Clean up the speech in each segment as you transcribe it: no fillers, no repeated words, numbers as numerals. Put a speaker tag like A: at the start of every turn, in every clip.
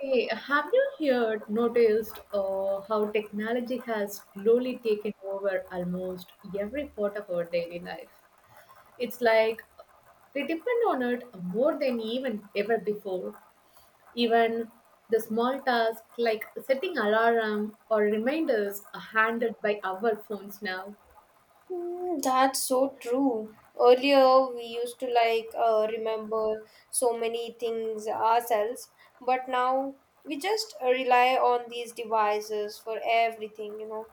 A: Hey, have you here noticed how technology has slowly taken over almost every part of our daily life? It's like we depend on it more than even ever before. Even the small tasks like setting alarm or reminders are handled by our phones now.
B: Mm, that's so true. Earlier, we used to like remember so many things ourselves, but now we just rely on these devices for everything, you know.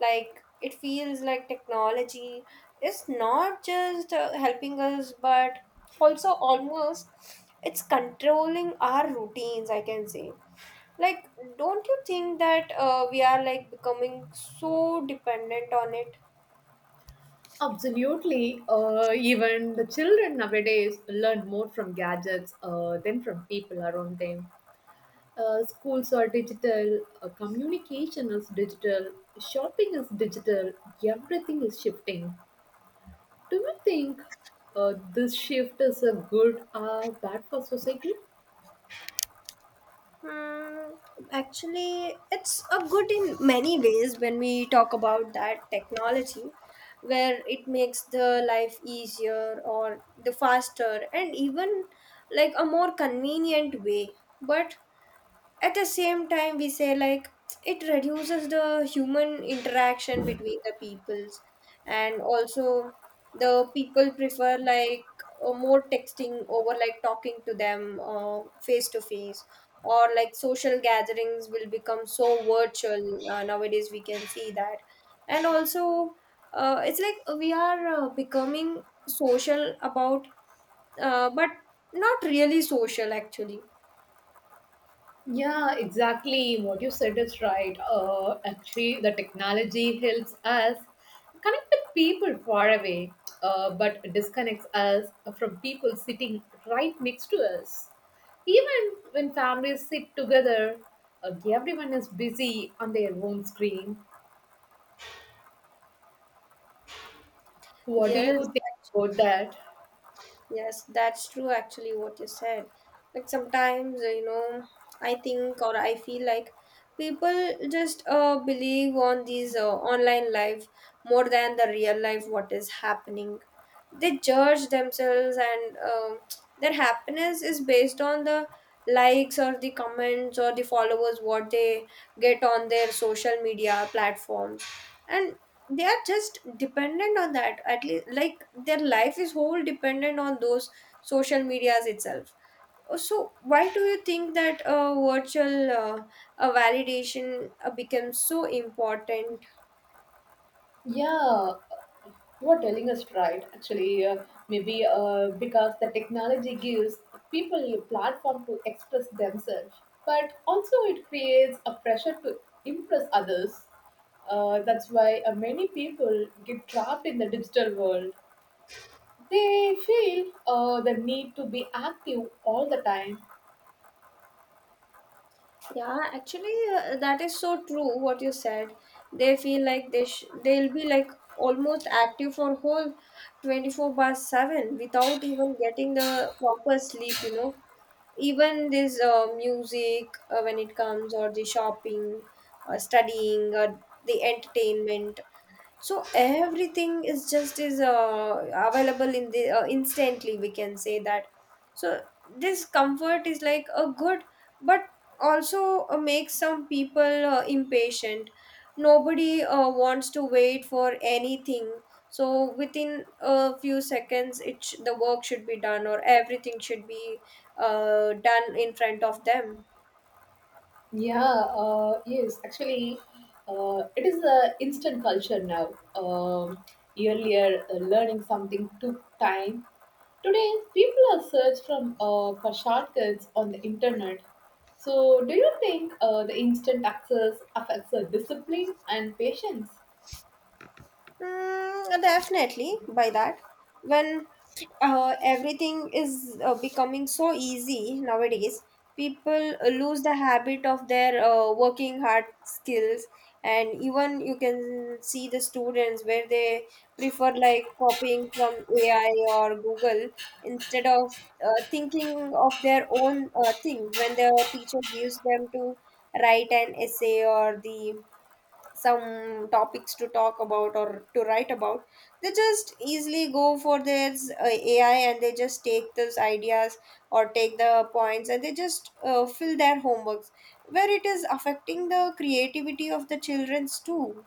B: Like, it feels like technology is not just helping us, but also almost it's controlling our routines, I can say. Like, don't you think that we are like becoming so dependent on it?
A: Absolutely. Even the children nowadays learn more from gadgets than from people around them. Schools are digital, communication is digital, shopping is digital, everything is shifting. Do you think this shift is a good or bad for society?
B: Hmm, actually, it's a good in many ways when we talk about that technology, where it makes the life easier or the faster and even like a more convenient way. But at the same time we say like it reduces the human interaction between the peoples, and also the people prefer like more texting over like talking to them face to face, or like social gatherings will become so virtual nowadays we can see that. And also it's like we are becoming social about, but not really social actually.
A: Yeah, exactly. What you said is right. Actually, the technology helps us connect with people far away, but disconnects us from people sitting right next to us. Even when families sit together, everyone is busy on their own screen. What do
B: Yes.
A: you think about that?
B: Yes, that's true actually what you said. Like sometimes, I think or I feel like people just believe on these online life more than the real life what is happening. They judge themselves, and their happiness is based on the likes or the comments or the followers what they get on their social media platforms. And they are just dependent on that, at least like their life is whole dependent on those social medias itself. So why do you think that a virtual, validation becomes so important?
A: Yeah, you are telling us right. Actually, maybe because the technology gives people a platform to express themselves, but also it creates a pressure to impress others. That's why many people get trapped in the digital world. They feel the need to be active all the time.
B: Yeah, actually, that is so true what you said. They feel like they'll be like almost active for whole 24 by 7 without even getting the proper sleep, you know. Even this music, when it comes, or the shopping or studying or the entertainment, so everything is just is available in the instantly. We can say that. So this comfort is like a good, but also makes some people impatient. Nobody wants to wait for anything. So within a few seconds, the work should be done, or everything should be done in front of them.
A: Yeah, yes, actually, it is a instant culture now. Um, Earlier, learning something took time. Today, people are search from for shortcuts on the internet. So, do you think the instant access affects the discipline and patience?
B: Mm, definitely by that, when everything is becoming so easy nowadays, people lose the habit of their working hard skills. And even you can see the students, where they prefer like copying from ai or google instead of thinking of their own things. When the teacher gives them to write an essay or the some topics to talk about or to write about, they just easily go for their ai, and they just take those ideas or take the points, and they just fill their homeworks, where it is affecting the creativity of the children's too.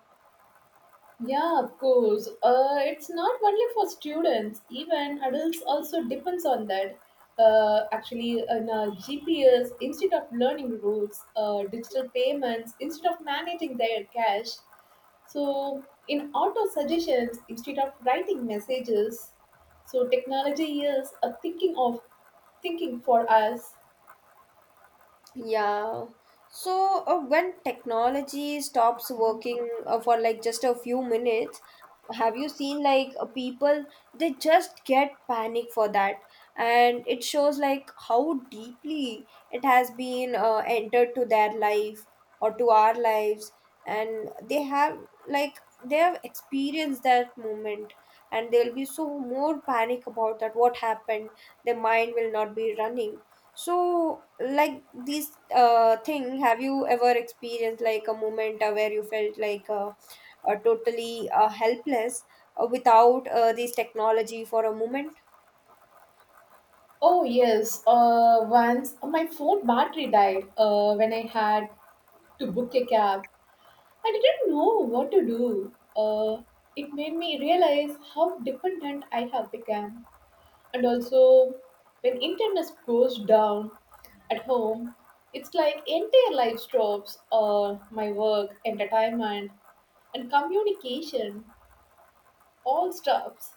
A: Yeah, of course. It's not only for students, even adults also depends on that. Actually, in GPS, instead of learning routes, digital payments, instead of managing their cash. So, in auto suggestions, instead of writing messages, so technology is a thinking of thinking for us.
B: Yeah. So when technology stops working for like just a few minutes, have you seen like people, they just get panic for that? And it shows like how deeply it has been entered to their life or to our lives, and they have like they have experienced that moment, and they'll be so more panic about that what happened, their mind will not be running. So, like these thing, have you ever experienced like a moment where you felt like totally helpless without this technology for a moment?
A: Oh yes, once my phone battery died when I had to book a cab. I didn't know what to do. It made me realize how dependent I have become. And also, when internet goes down at home, it's like entire life stops. My work, entertainment, and communication all stops.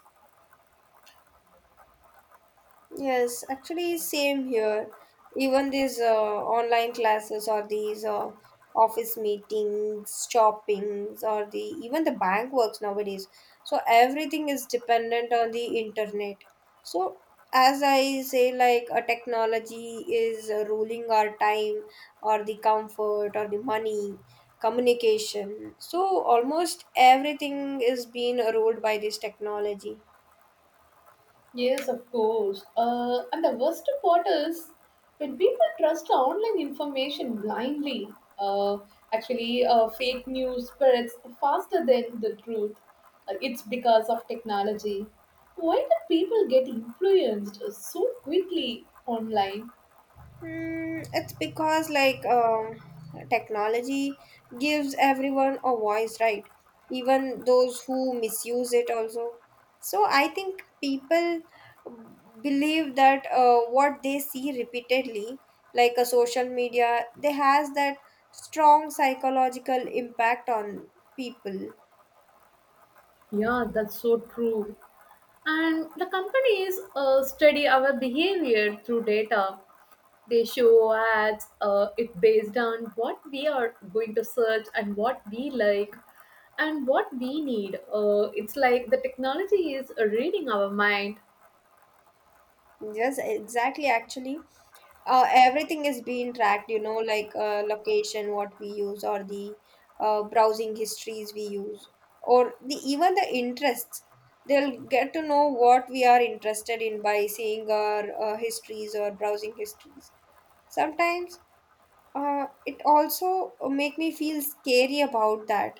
B: Yes, actually, same here. Even these online classes, or these office meetings, shoppings, or the even the bank works nowadays. So everything is dependent on the internet. So as I say, like a technology is ruling our time, or the comfort, or the money, communication. So almost everything is being ruled by this technology.
A: Yes, of course. And the worst part is when people trust online information blindly. uh, Fake news spreads faster than the truth. It's because of technology. Why do people get influenced so quickly online?
B: Mm, it's because like technology gives everyone a voice, right? Even those who misuse it also. So I think people believe that what they see repeatedly, like a social media, they has that strong psychological impact on people.
A: Yeah, that's so true. And the companies study our behavior through data. They show ads, it based on what we are going to search and what we like and what we need. It's like the technology is reading our mind.
B: Yes, exactly. Actually, everything is being tracked, you know, like location what we use, or the browsing histories we use, or the even the interests, they'll get to know what we are interested in by seeing our histories or browsing histories. Sometimes it also make me feel scary about that.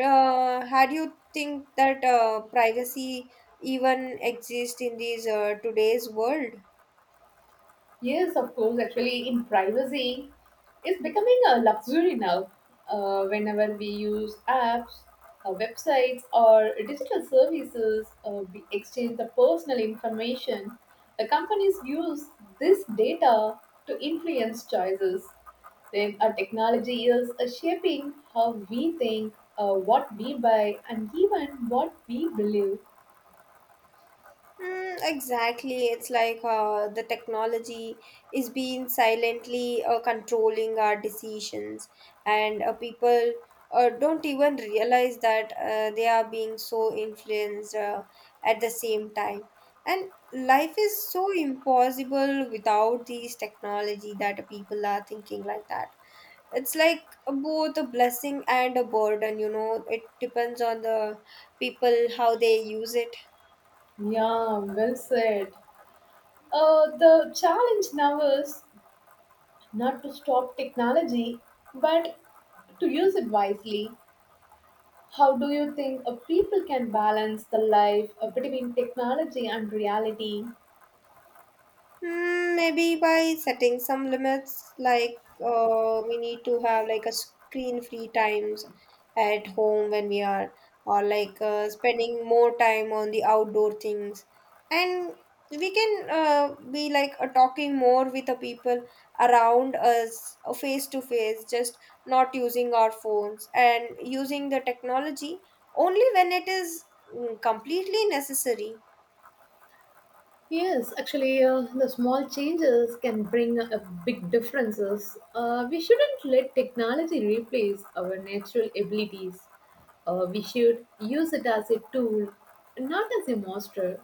B: How do you think that privacy even exists in these today's world?
A: Yes, of course. Actually, in privacy, it's becoming a luxury now. Whenever we use apps, websites, or digital services, we exchange the personal information. The companies use this data to influence choices. Then, our technology is shaping how we think, what we buy, and even what we believe.
B: Mm, exactly. It's like the technology is being silently controlling our decisions, and people don't even realize that they are being so influenced at the same time. And life is so impossible without these technology that people are thinking like that. It's like both a blessing and a burden, you know. It depends on the people how they use it.
A: Yeah, well said. The challenge now is not to stop technology, but to use it wisely. How do you think a people can balance the life between technology and reality?
B: Mm, maybe by setting some limits, like we need to have like a screen-free times at home when we are, or like spending more time on the outdoor things, and we can be like talking more with the people around us face to face, just not using our phones, and using the technology only when it is completely necessary.
A: Yes, actually, the small changes can bring big differences. We shouldn't let technology replace our natural abilities. We should use it as a tool, not as a monster.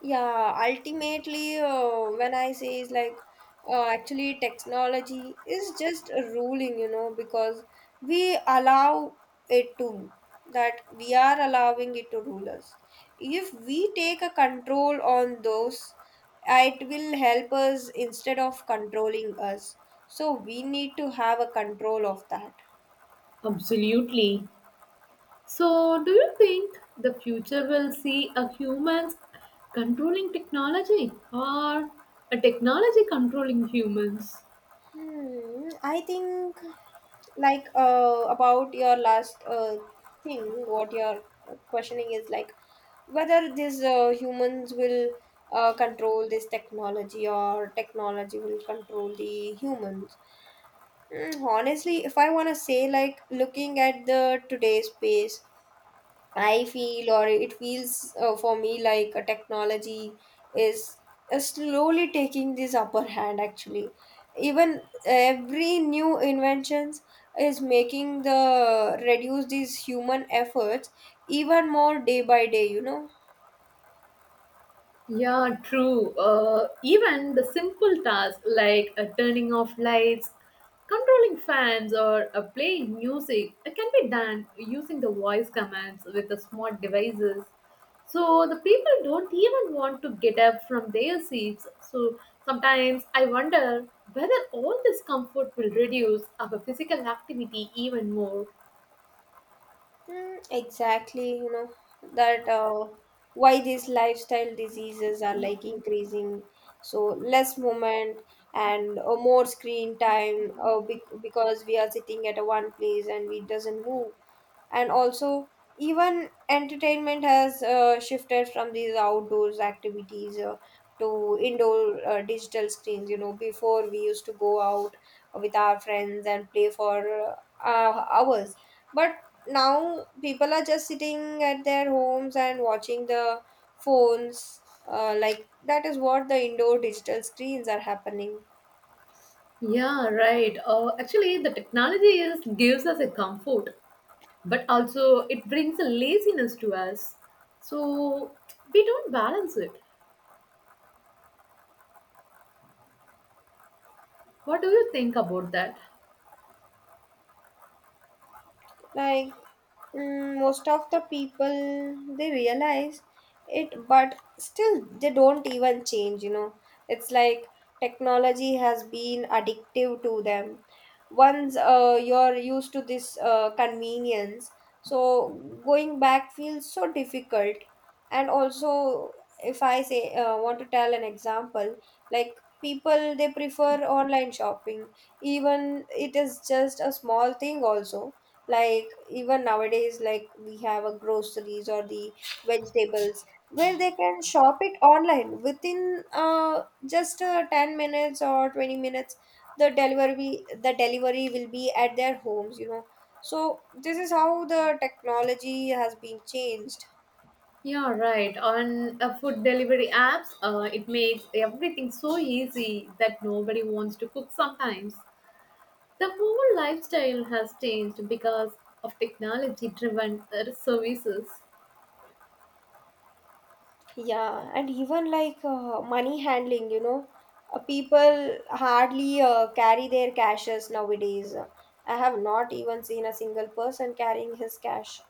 B: Yeah, ultimately, when I say is like, actually, technology is just a ruling, you know, because we allow it to, that we are allowing it to rule us. If we take a control on those, it will help us instead of controlling us. So we need to have a control of that.
A: Absolutely. So, do you think the future will see a humans controlling technology or a technology controlling humans?
B: Hmm, I think like about your last thing what you're questioning is like whether these humans will control this technology, or technology will control the humans. Mm, honestly, if I want to say, like looking at the today's space, I feel, or it feels for me like a technology is slowly taking this upper hand. Actually, even every new inventions is making the reduce these human efforts even more day by day, you know.
A: Yeah, true. Even the simple tasks like turning off lights, controlling fans, or playing music can be done using the voice commands with the smart devices. So the people don't even want to get up from their seats. So sometimes I wonder whether all this comfort will reduce our physical activity even more.
B: Mm, exactly, you know, that why these lifestyle diseases are like increasing. So less movement and more screen time, because we are sitting at a one place and we doesn't move. And also, even entertainment has shifted from these outdoors activities to indoor digital screens, you know, before we used to go out with our friends and play for hours. But now people are just sitting at their homes and watching the phones, like that is what the indoor digital screens are happening.
A: Yeah, right. Actually, the technology is gives us a comfort, but also it brings a laziness to us, so we don't balance it. What do you think about that?
B: Like, mm, most of the people they realize it, but still they don't even change, you know. It's like technology has been addictive to them. Once you're used to this convenience, so going back feels so difficult. And also, if I say want to tell an example, like people they prefer online shopping, even it is just a small thing also. Like even nowadays, like we have a groceries or the vegetables, where they can shop it online within just 10 minutes or 20 minutes. The delivery will be at their homes, you know. So this is how the technology has been changed.
A: Yeah, right on food delivery apps, it makes everything so easy that nobody wants to cook sometimes. The whole lifestyle has changed because of technology driven services.
B: Yeah, and even like money handling, you know, people hardly carry their cashes nowadays. I have not even seen a single person carrying his cash.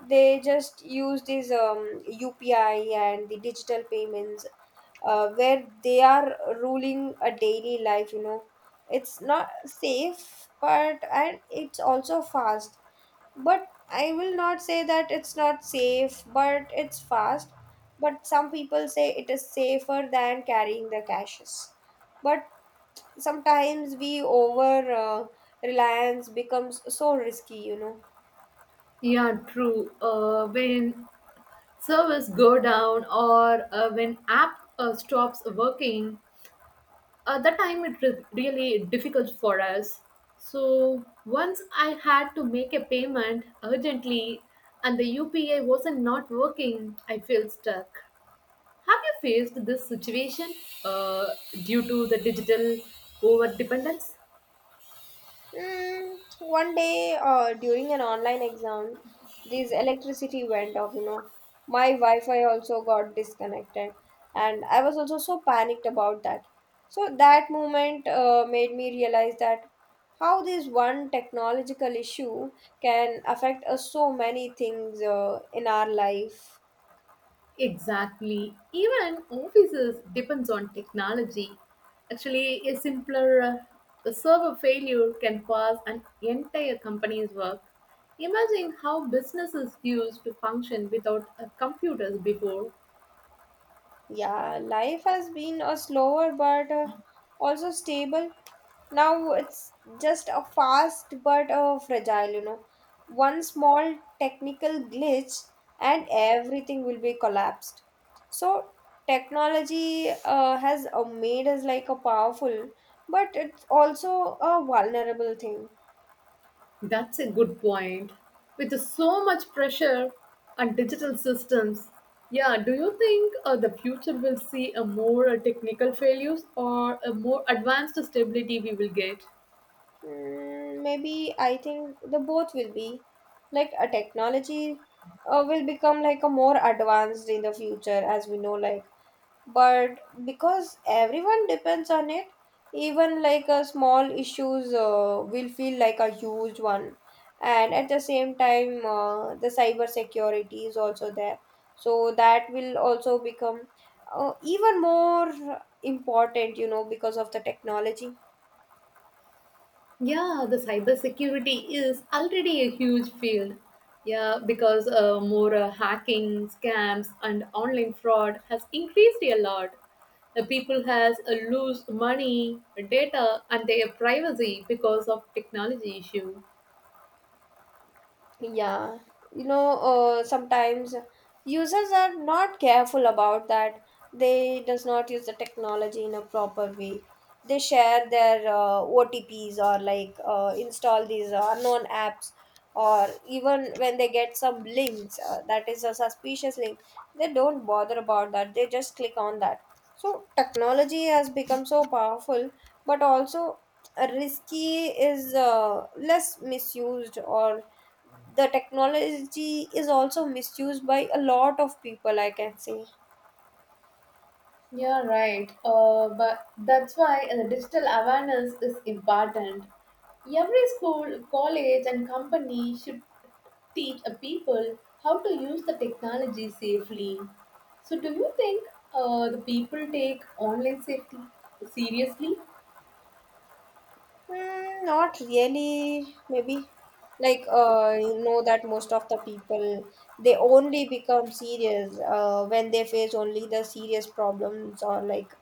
B: They just use these UPI and the digital payments, where they are ruling a daily life, you know. It's not safe, but and it's also fast. But I will not say that it's not safe, but it's fast. But some people say it is safer than carrying the caches. But sometimes we over reliance becomes so risky, you know.
A: Yeah, true. When servers go down or when app stops working, at the time it was really difficult for us. So once I had to make a payment urgently, and the upa wasn't not working, I felt stuck. Have you faced this situation uh, due to the digital over dependence?
B: Mm, one day during an online exam, this electricity went off, you know. My Wi-Fi also got disconnected, and I was also so panicked about that. So that moment made me realize that how this one technological issue can affect us so many things in our life.
A: Exactly. Even offices depends on technology. Actually, a simpler server failure can cause an entire company's work. Imagine how businesses used to function without computers before.
B: Yeah, life has been a slower, but also stable. Now it's just a fast but a fragile, you know. One small technical glitch and everything will be collapsed. So technology has made us like a powerful, but it's also a vulnerable thing.
A: That's a good point. With so much pressure on digital systems, yeah, do you think the future will see a more technical failures or a more advanced stability we will get?
B: Mm, maybe I think the both will be like a technology will become like a more advanced in the future as we know like. But because everyone depends on it, even like a small issues will feel like a huge one. And at the same time the cyber security is also there, so that will also become even more important, you know, because of the technology.
A: Yeah, the cybersecurity is already a huge field. Yeah, because more hacking, scams, and online fraud has increased a lot. The people has lose money, data, and their privacy because of technology issue.
B: Yeah, you know, sometimes users are not careful about that. They does not use the technology in a proper way. They share their OTPs, or like install these unknown apps, or even when they get some links that is a suspicious link, they don't bother about that. They just click on that. So technology has become so powerful, but also risky is less misused, or the technology is also misused by a lot of people, I can say.
A: Yeah, right. But that's why the digital awareness is important. Every school, college, and company should teach a people how to use the technology safely. So, do you think the people take online safety seriously?
B: Not really, maybe. Like, you know that most of the people, they only become serious when they face only the serious problems, or like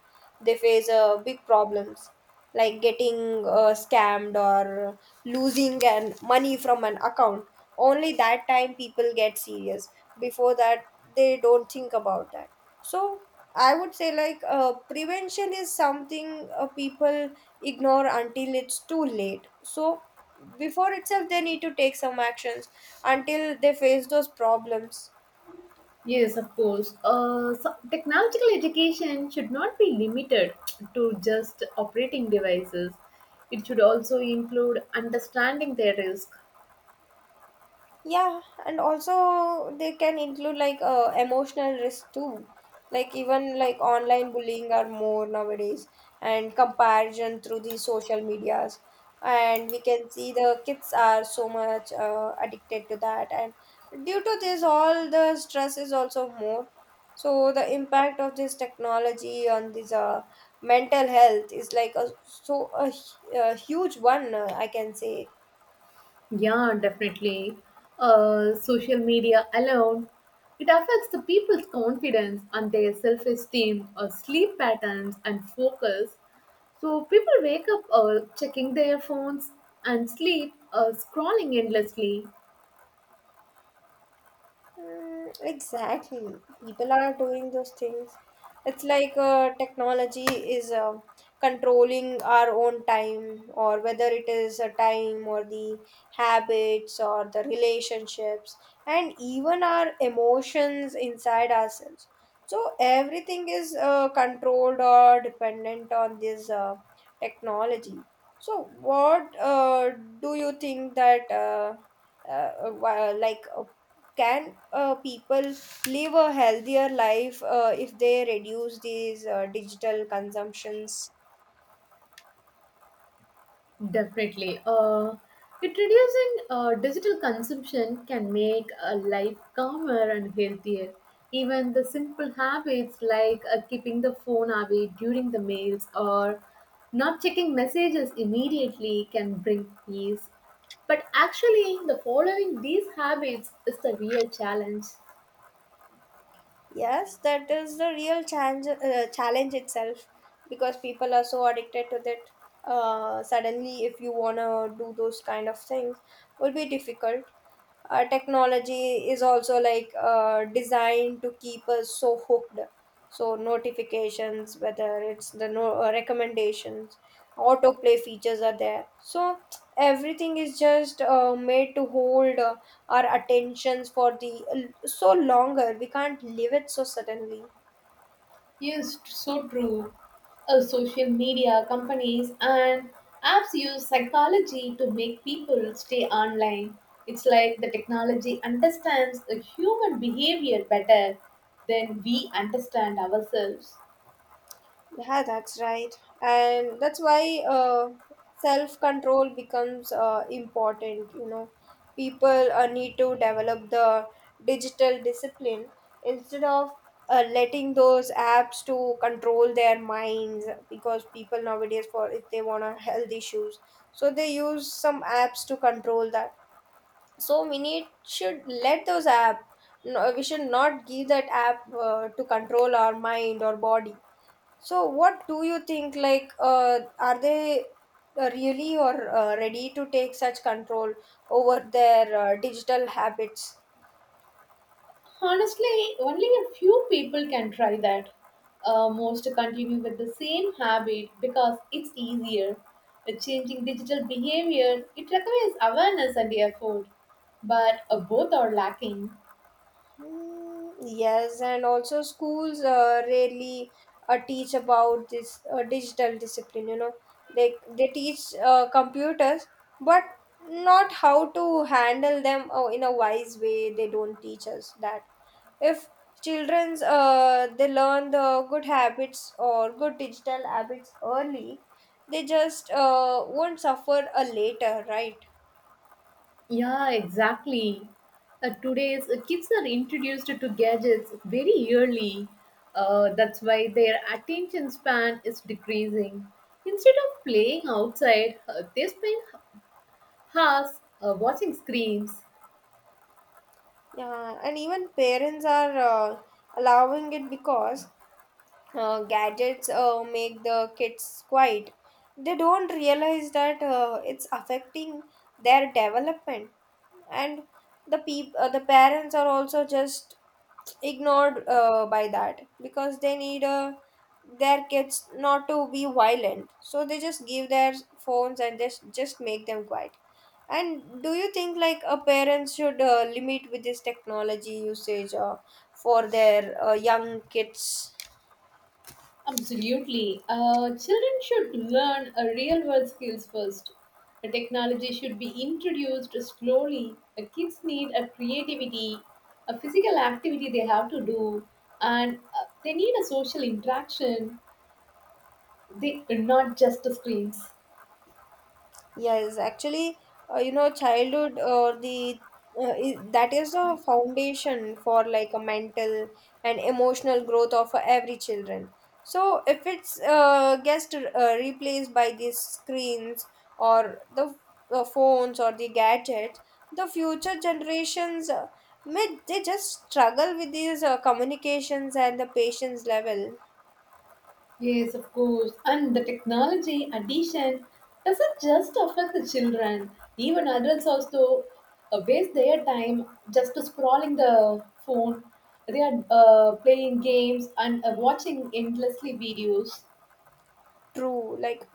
B: they face big problems like getting scammed or losing an money from an account. Only that time people get serious. Before that, they don't think about that. So I would say like prevention is something people ignore until it's too late. So, before itself, they need to take some actions until they face those problems.
A: Yes, of course. So technological education should not be limited to just operating devices. It should also include understanding their risk.
B: Yeah, and also they can include like emotional risk too. Like even like online bullying are more nowadays, and comparison through the social medias. And we can see the kids are so much addicted to that. And due to this, all the stress is also more. So the impact of this technology on this mental health is like a so a, a huge one, I can say.
A: Yeah, definitely. Social media alone, it affects the people's confidence and their self-esteem, sleep patterns, and focus. So people wake up checking their phones and sleep scrolling endlessly.
B: Exactly. People are doing those things. It's like technology is controlling our own time, or whether it is a time, or the habits, or the relationships, and even our emotions inside ourselves. So everything is controlled or dependent on this technology. So, what do you think that? Uh, wha- like uh, can people live a healthier life if they reduce these digital consumptions?
A: Definitely. Introducing digital consumption can make a life calmer and healthier. Even the simple habits like keeping the phone away during the meals or not checking messages immediately can bring peace. But actually, the following these habits is the real challenge.
B: Yes, that is the real challenge, challenge itself, because people are so addicted to that. Suddenly if you want to do those kind of things, will be difficult. Technology is also like designed to keep us so hooked, so notifications, whether it's the recommendations, autoplay features are there. So everything is just made to hold our attentions for the so longer, we can't leave it so suddenly.
A: Yes, so true. Social media companies and apps use psychology to make people stay online. It's like the technology understands the human behavior better than we understand ourselves.
B: Yeah, that's right. And that's why self control becomes important. You know, people need to develop the digital discipline instead of letting those apps to control their minds, because people nowadays for if they want to health issues, so they use some apps to control that. So we need should let those app, no, we should not give that app to control our mind or body. So, what do you think? Like, are they really or ready to take such control over their digital habits?
A: Honestly, only a few people can try that. Most continue with the same habit because it's easier. Changing digital behavior, it requires awareness and effort, but both are lacking.
B: Yes, and also schools rarely teach about this digital discipline. You know, they teach computers, but not how to handle them in a wise way. They don't teach us that. If children's they learn the good habits or good digital habits early, they just won't suffer a later, right?
A: Yeah, exactly. Today's kids are introduced to gadgets very early. That's why their attention span is decreasing. Instead of playing outside, they spend hours watching screens.
B: Yeah, and even parents are allowing it because gadgets make the kids quiet. They don't realize that it's affecting their development. And the the parents are also just ignored by that, because they need their kids not to be violent, so they just give their phones and just make them quiet. And do you think like a parents should limit with this technology usage for their young kids?
A: Absolutely. Children should learn real world skills first. The technology should be introduced slowly. Kids need a creativity, a physical activity they have to do, and they need a social interaction. They not just the screens.
B: Yes, actually, you know, childhood or the that is the foundation for like a mental and emotional growth of every children. So if it's gets replaced by these screens or the phones or the gadgets, the future generations may they just struggle with these communications and the patience level.
A: Yes, of course. And the technology addition doesn't just affect the children. Even adults also waste their time just to scrolling the phone. They are playing games and watching endlessly videos.
B: True, like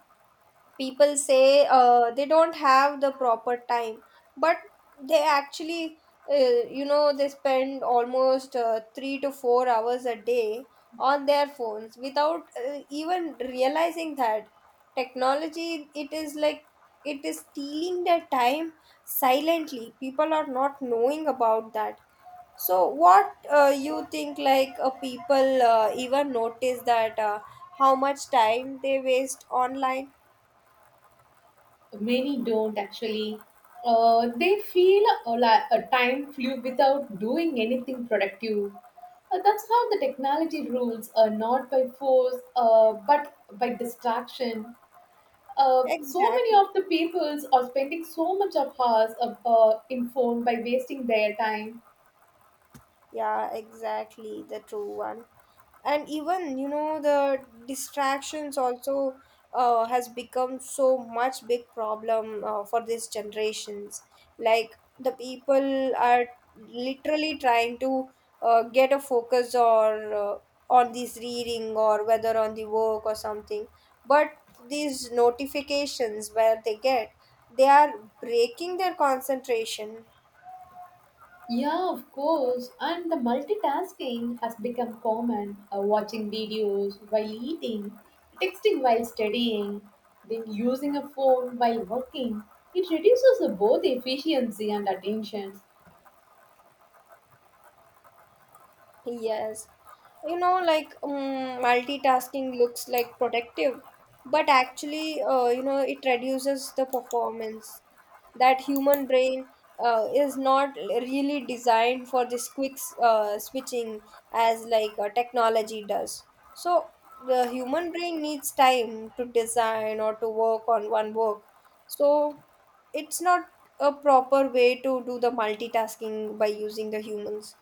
B: people say they don't have the proper time, but they actually you know they spend almost 3 to 4 hours a day on their phones without even realizing that technology, it is like it is stealing their time silently. People are not knowing about that. So what you think like people even notice that how much time they waste online?
A: Many don't actually. They feel a time flew without doing anything productive. That's how the technology rules, not by force, but by distraction. So many
B: Exactly.
A: of the peoples are spending so much of hours of, in phone by wasting their time.
B: Yeah, exactly. The true one. And even, you know, the distractions also has become so much big problem for these generations. Like the people are literally trying to get a focus or on this reading or whether on the work or something. But these notifications where they get, they are breaking their concentration.
A: Yeah, of course. And the multitasking has become common. Watching videos while eating, texting while studying, then using a phone while working. It reduces both efficiency and attention.
B: Yes. You know, like multitasking looks like productive, but actually, you know, it reduces the performance. That human brain is not really designed for this quick switching as like technology does. So the human brain needs time to design or to work on one work. So it's not a proper way to do the multitasking by using the humans.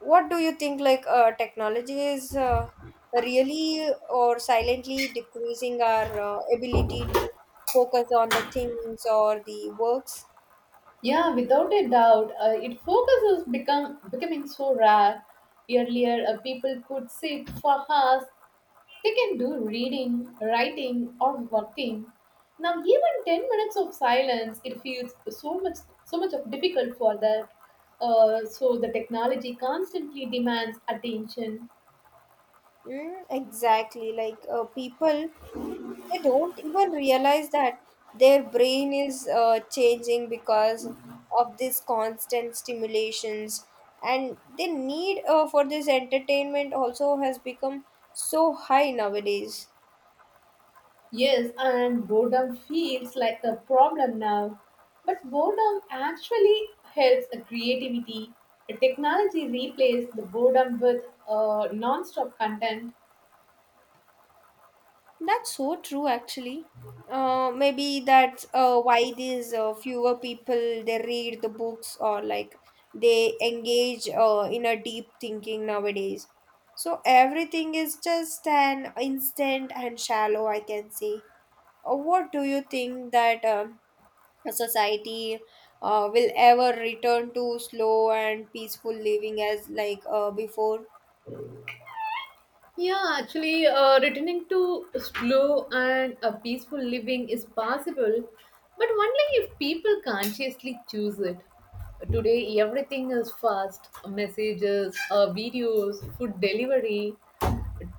B: What do you think like technology is really or silently decreasing our ability to focus on the things or the works?
A: Yeah, without a doubt, it focuses become becoming so rare. Earlier, people could sit for hours. They can do reading, writing, or working. Now, even 10 minutes of silence, it feels so much, so much of difficult for that. So the technology constantly demands attention.
B: Exactly. Like people, they don't even realize that their brain is changing because of this constant stimulations, and the need for this entertainment also has become so high nowadays.
A: Yes, and boredom feels like a problem now. But boredom actually helps a creativity. The technology replaces the boredom with non-stop content.
B: That's so true, actually. Maybe that's why these fewer people they read the books, or like they engage in a deep thinking nowadays. So everything is just an instant and shallow, I can say. What do you think that a society will ever return to slow and peaceful living as like before?
A: Yeah, actually, returning to slow and a peaceful living is possible, but only if people consciously choose it. Today, everything is fast messages, videos, food delivery,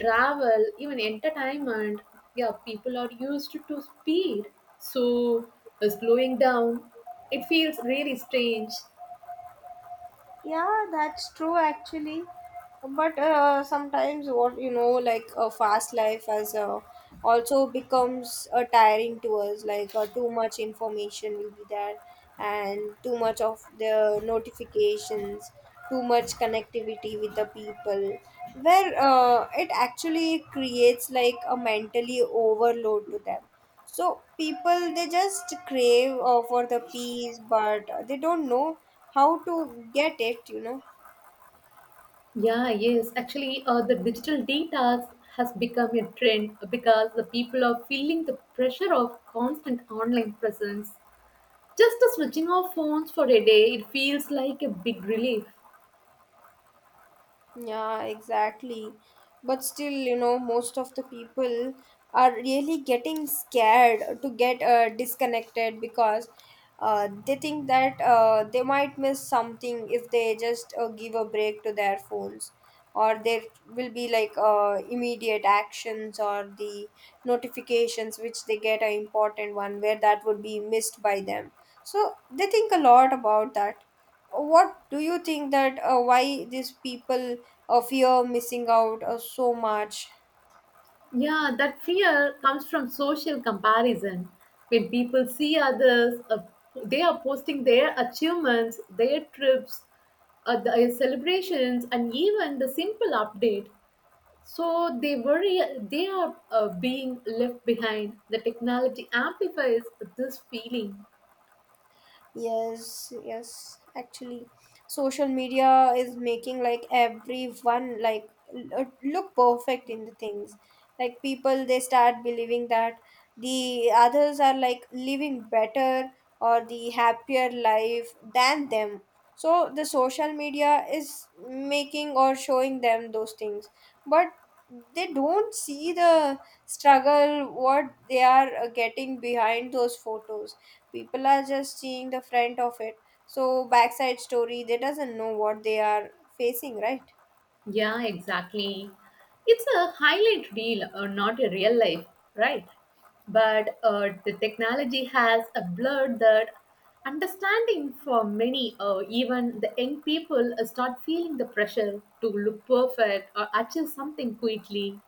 A: travel, even entertainment. Yeah, people are used to speed, so slowing down, it feels really strange.
B: Yeah, that's true actually. But sometimes what you know, like a fast life as also becomes tiring to us. Like too much information will be there, and too much of the notifications, too much connectivity with the people, where it actually creates like a mentally overload to them. So people they just crave for the peace, but they don't know how to get it, you know.
A: Yeah, yes. Actually, the digital data has become a trend because the people are feeling the pressure of constant online presence. Just the switching off phones for a day, it feels like a big relief.
B: Yeah, exactly. But still, you know, most of the people are really getting scared to get disconnected, because they think that they might miss something if they just give a break to their phones, or there will be like immediate actions or the notifications which they get are important one, where that would be missed by them. So they think a lot about that. What do you think that why these people or fear of you're missing out so much?
A: Yeah, that fear comes from social comparison. When people see others, they are posting their achievements, their trips, the celebrations, and even the simple update. So they worry they are being left behind. The technology amplifies this feeling.
B: Yes, yes, actually, social media is making like everyone like look perfect in the things. Like people, they start believing that the others are like living better or the happier life than them. So the social media is making or showing them those things, but they don't see the struggle what they are getting behind those photos. People are just seeing the front of it, so backside story they doesn't know what they are facing, right?
A: Yeah, exactly. It's a highlight reel, or not a real life, right? But the technology has a blurred that understanding for many, even the young people, start feeling the pressure to look perfect or achieve something quickly.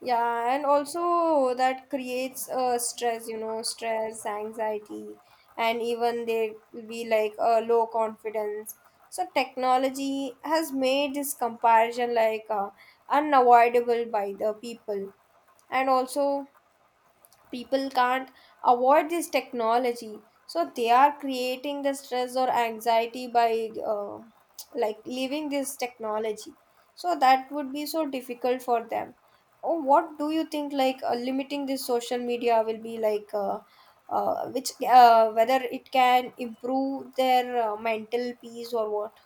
B: Yeah, and also that creates stress, you know, stress, anxiety, and even they will be like low confidence. So technology has made this comparison like unavoidable by the people. And also people can't avoid this technology, so they are creating the stress or anxiety by like leaving this technology. So that would be so difficult for them. Oh, what do you think? Like limiting this social media will be like. Which Whether it can improve their mental peace or what?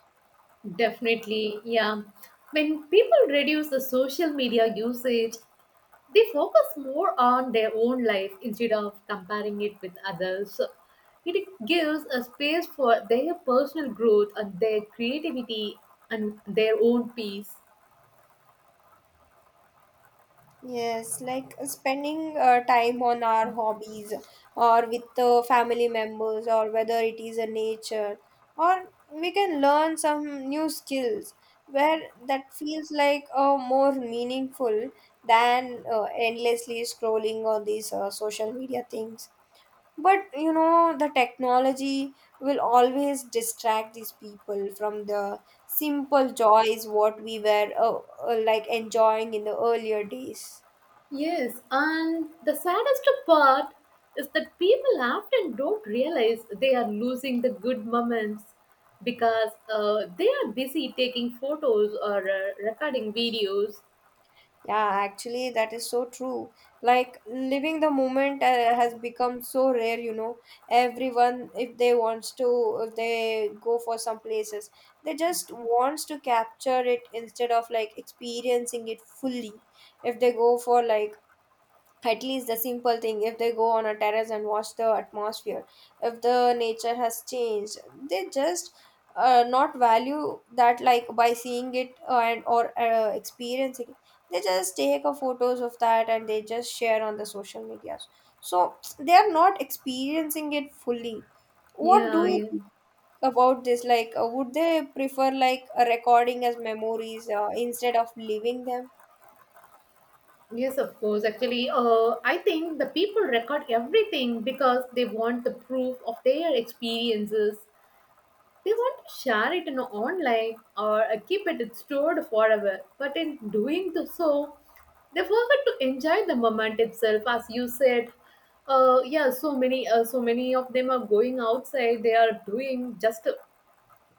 A: Definitely, yeah. When people reduce the social media usage, they focus more on their own life instead of comparing it with others. So, it gives a space for their personal growth and their creativity and their own peace.
B: Yes, like spending time on our hobbies or with family members, or whether it is a nature, or we can learn some new skills where that feels like more meaningful than endlessly scrolling on these social media things. But you know, the technology will always distract these people from the simple joys what we were like enjoying in the earlier days.
A: Yes, and the saddest part is that people often don't realize they are losing the good moments because they are busy taking photos or recording videos.
B: Yeah, actually, that is so true. Like, living the moment has become so rare, you know. Everyone, if they wants to, if they go for some places, they just wants to capture it instead of like experiencing it fully. If they go for like at least the simple thing, if they go on a terrace and watch the atmosphere, if the nature has changed, they just not value that like by seeing it and or experiencing it. They just take a photos of that and they just share on the social medias, so they are not experiencing it fully. What
A: Yeah,
B: do you
A: yeah.
B: think about this, like would they prefer like a recording as memories instead of living them?
A: Yes, of course. Actually, I think the people record everything because they want the proof of their experiences. They want to share it in online or keep it stored forever. But in doing the so, they forget to enjoy the moment itself, as you said. Yeah, so many, so many of them are going outside. They are doing just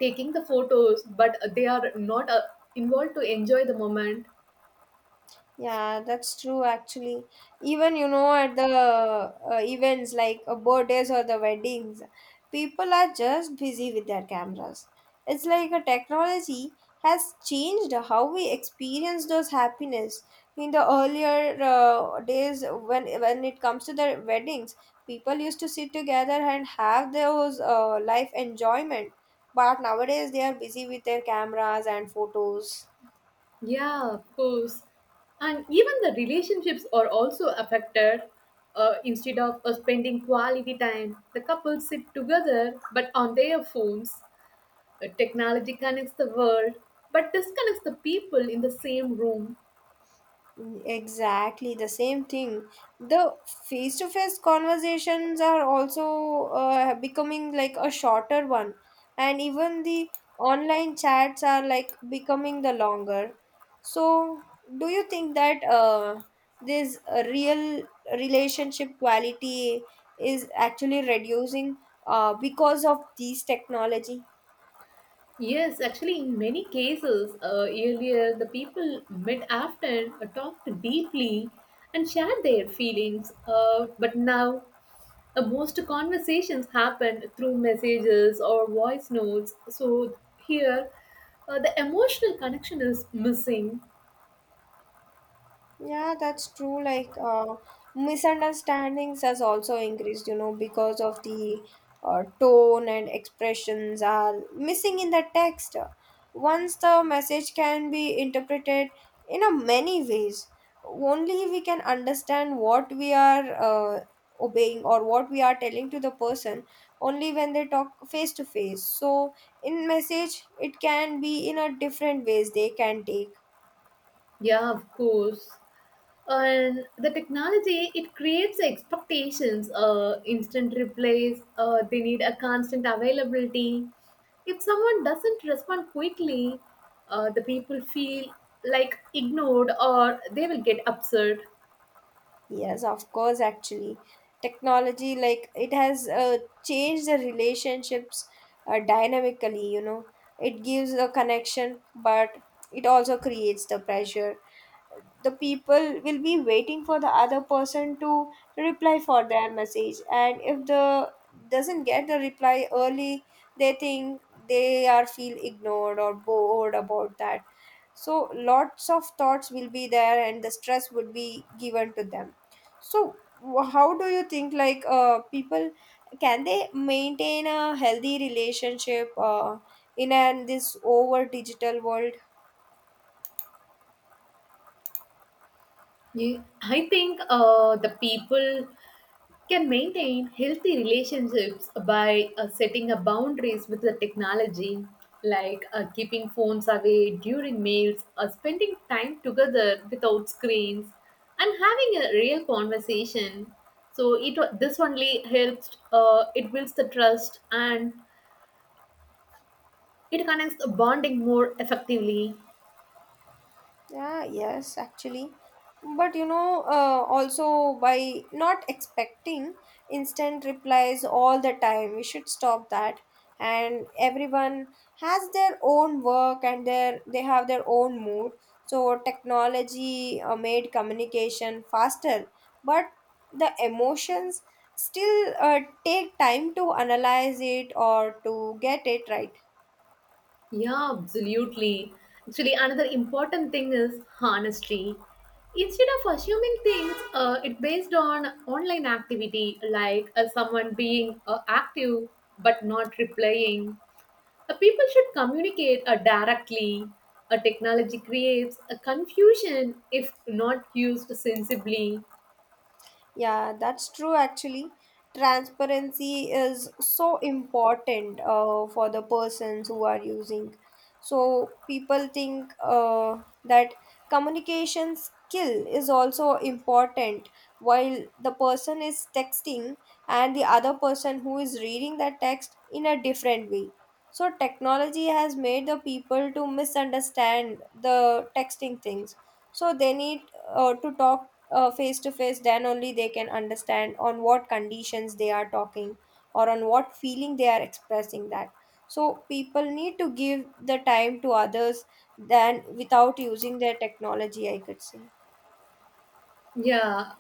A: taking the photos, but they are not involved to enjoy the moment.
B: Yeah, that's true actually. Even you know at the events like birthdays or the weddings, people are just busy with their cameras. It's like a technology has changed how we experience those happiness. In the earlier days, when it comes to the weddings, people used to sit together and have those life enjoyment. But nowadays they are busy with their cameras and photos.
A: Yeah, of course. And even the relationships are also affected. Instead of spending quality time, the couples sit together but on their phones. Technology connects the world but disconnects the people in the same room.
B: Exactly the same thing. The face to face conversations are also becoming like a shorter one, and even the online chats are like becoming the longer. So, do you think that this real relationship quality is actually reducing because of these technology?
A: Yes, actually, in many cases, earlier the people met often, talked deeply, and shared their feelings. But now most conversations happen through messages or voice notes, so here the emotional connection is missing.
B: Yeah, that's true. Like, misunderstandings has also increased, you know, because of the tone and expressions are missing in the text. Once the message can be interpreted in a many ways, only we can understand what we are obeying or what we are telling to the person only when they talk face to face. So, in message, it can be in a different ways they can take.
A: Yeah, of course. And the technology it creates expectations, instant replies. They need a constant availability. If someone doesn't respond quickly, the people feel like ignored or they will get upset.
B: Yes, of course, actually. Technology, like, it has changed the relationships dynamically, you know. It gives a connection, but it also creates the pressure. The people will be waiting for the other person to reply for their message, and if the doesn't get the reply early, they think they are feel ignored or bored about that. So lots of thoughts will be there and the stress would be given to them. So, how do you think like people, can they maintain a healthy relationship in an this over digital world?
A: I think the people can maintain healthy relationships by setting up boundaries with the technology, like keeping phones away during meals, spending time together without screens, and having a real conversation. So it this only helps, it builds the trust and it connects the bonding more effectively.
B: Yeah, yes, actually. But you know, also by not expecting instant replies all the time, we should stop that. And everyone has their own work, and their they have their own mood. So technology made communication faster, but the emotions still take time to analyze it or to get it right.
A: Yeah, absolutely. Actually, another important thing is honesty. Instead of assuming things, it's based on online activity, like someone being active but not replying. People should communicate directly. A technology creates a confusion if not used sensibly.
B: Yeah, that's true actually. Transparency is so important for the persons who are using. So people think that communication skill is also important, while the person is texting and the other person who is reading that text in a different way. So technology has made the people to misunderstand the texting things. So they need to talk face to face, then only they can understand on what conditions they are talking or on what feeling they are expressing that. So people need to give the time to others than without using their technology, I could say.
A: Yeah,